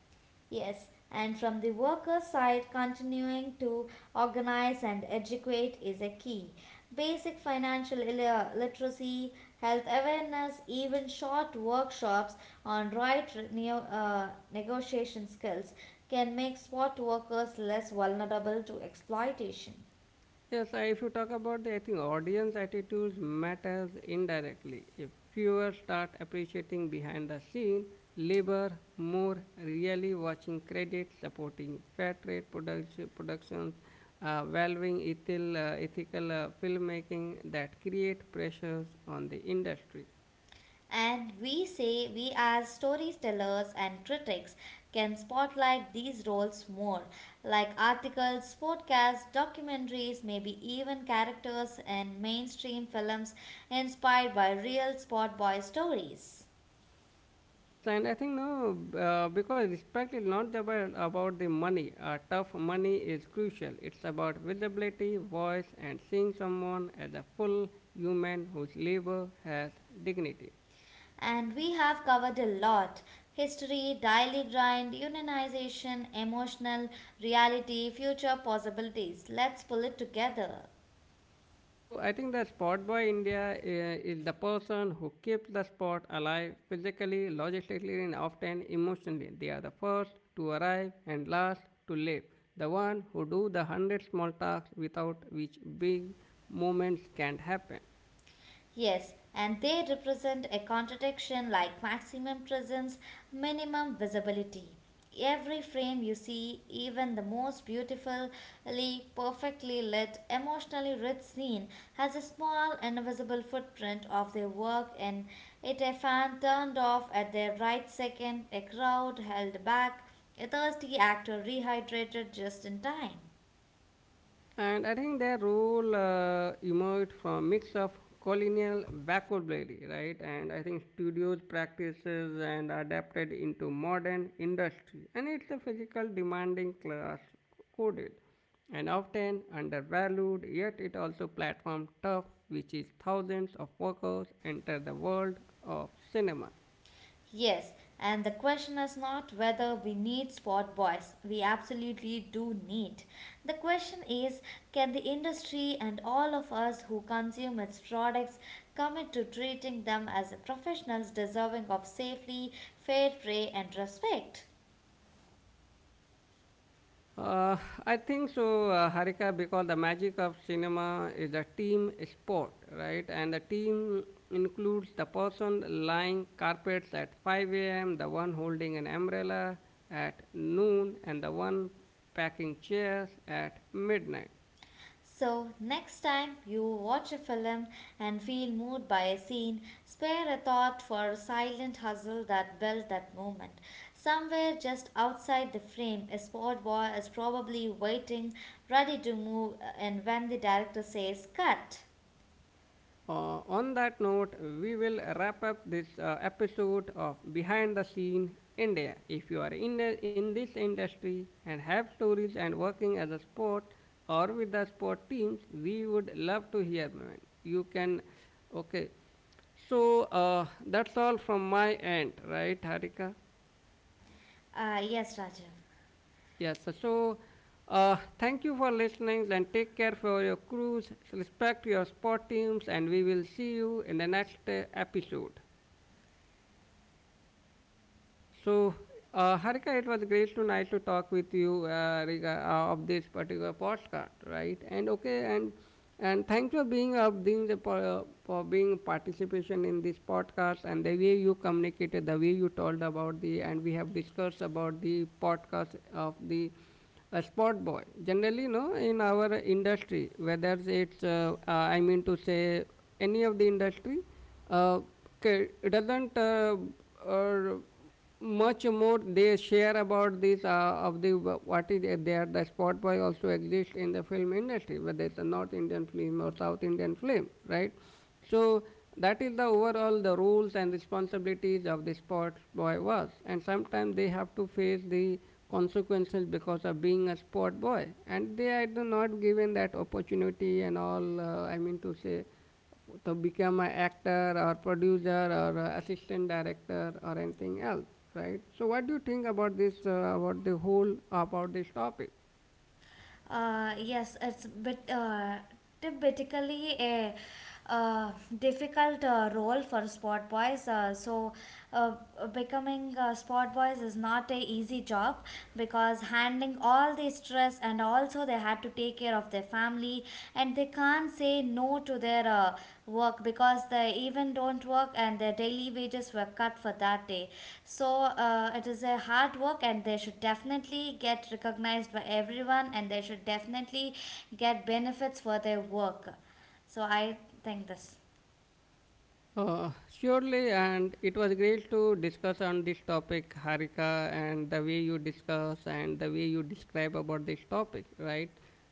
[SPEAKER 2] Yes, and from the worker side, continuing to organize and educate is a key. Basic financial literacy, health awareness, even short workshops on negotiation skills can make spot workers less vulnerable to exploitation.
[SPEAKER 1] Yes, if you talk about the, I think audience attitudes matters indirectly. If viewers start appreciating behind the scene, labor, more really watching credits, supporting fair trade production, productions, valuing ethical, ethical filmmaking that create pressures on the industry.
[SPEAKER 2] And we say we, as storytellers and critics, can spotlight these roles more, like articles, podcasts, documentaries, maybe even characters in mainstream films inspired by real spot boy stories.
[SPEAKER 1] Yes, and I think no, because respect is not about the money. Tough money is crucial. It's about visibility, voice, and seeing someone as a full human whose labor has dignity.
[SPEAKER 2] And we have covered a lot, history, daily grind, unionization, emotional reality, future possibilities. Let's pull it together.
[SPEAKER 1] So I think the sport boy India is the person who keeps the sport alive physically, logistically, and often emotionally. They are the first to arrive and last to leave. The one who do the hundred small tasks without which big moments can't happen.
[SPEAKER 2] Yes, and they represent a contradiction like maximum presence, minimum visibility. Every frame you see, even the most beautifully, perfectly lit, emotionally rich scene, has a small invisible footprint of their work in it. A fan turned off at the right second, a crowd held back, a thirsty actor rehydrated just in time.
[SPEAKER 1] And I think their role emerged from mix of colonial vocabulary, right? And I think studios practices and adapted into modern industry. And it's a physical demanding class coded and often undervalued, yet it also platform tough, which is thousands of workers enter the world of cinema.
[SPEAKER 2] Yes, and the question is not whether we need sport boys. We absolutely do need. The question is, can the industry and all of us who consume its products commit to treating them as professionals deserving of safely, fair play, and respect?
[SPEAKER 1] Uh, I think so, Harika, because the magic of cinema is a team sport, right? And the team includes the person lying carpets at 5 a.m., the one holding an umbrella at noon, and the one packing chairs at midnight.
[SPEAKER 2] So, next time you watch a film and feel moved by a scene, spare a thought for a silent hustle that built that moment. Somewhere just outside the frame, a sport boy is probably waiting, ready to move, and when the director says cut.
[SPEAKER 1] On that note, we will wrap up this episode of Behind the Scene India. If you are in this industry and have stories and working as a sport or with the sport teams, we would love to hear. Man. You can, okay. So that's all from my end, right, Harika?
[SPEAKER 2] Yes, Rajiv.
[SPEAKER 1] Yes. So thank you for listening and take care for your crews. Respect your sport teams, and we will see you in the next episode. So, Harika, it was great to nice to talk with you of this particular podcast, right? And okay, and thank you for being participation in this podcast and the way you communicated, the way you told about the and we have discussed about the podcast of the a spot boy generally no in our industry whether it's I mean to say any of the industry uh, doesn't or much more they share about this of the what is there the spot boy also exists in the film industry whether it's a north indian film or south indian film right. So that is the overall the roles and responsibilities of the spot boy was and sometimes they have to face the consequences because of being a sport boy and they are do not given that opportunity and all, I mean to say, to become an actor or producer or a assistant director or anything else, right? So, what do you think about this? About the whole about this topic?
[SPEAKER 2] Yes, it's bit typically a uh, difficult role for sport boys. Uh, Becoming sport boys is not a easy job because handling all the stress and also they had to take care of their family and they can't say no to their work because they even don't work and their daily wages were cut for that day so it is a hard work and they should definitely get recognized by everyone and they should definitely get benefits for their work so I think this.
[SPEAKER 1] Surely, and it was great to discuss on this topic, Harika, and the way you discuss and the way you describe about this topic, right?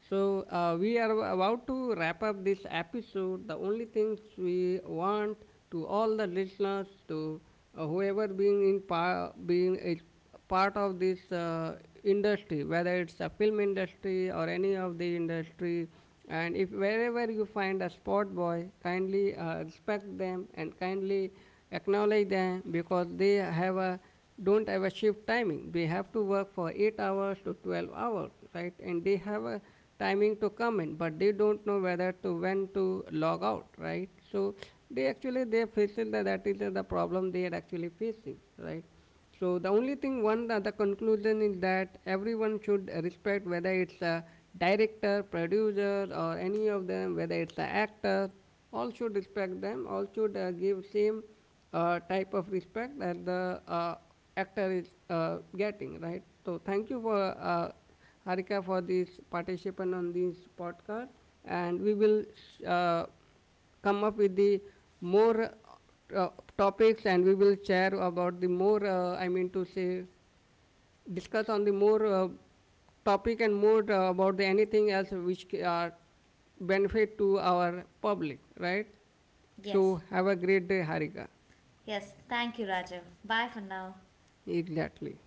[SPEAKER 1] So, we are about to wrap up this episode. The only things we want to all the listeners, to whoever being in power, being is part of this industry, whether it's a film industry or any of the industry. And if wherever you find a sport boy, kindly respect them and kindly acknowledge them because they have a don't have a shift timing. They have to work for 8 hours to 12 hours, right? And they have a timing to come in, but they don't know whether to when to log out, right? So they actually they facing that is the problem they are actually facing, right? So the only thing, one the conclusion is that everyone should respect whether it's a director, producer, or any of them, whether it's an actor. All should respect them. All should give same type of respect that the actor is getting. Right. So thank you for Harika for this participant on this podcast, and we will uh, come up with the more topics and we will share about the more I mean to say discuss on the more topic and more about the anything else which are benefit to our public, right?
[SPEAKER 2] Yes,
[SPEAKER 1] So have a great day, Harika.
[SPEAKER 2] yes, thank you Rajiv, bye for now.
[SPEAKER 1] Exactly.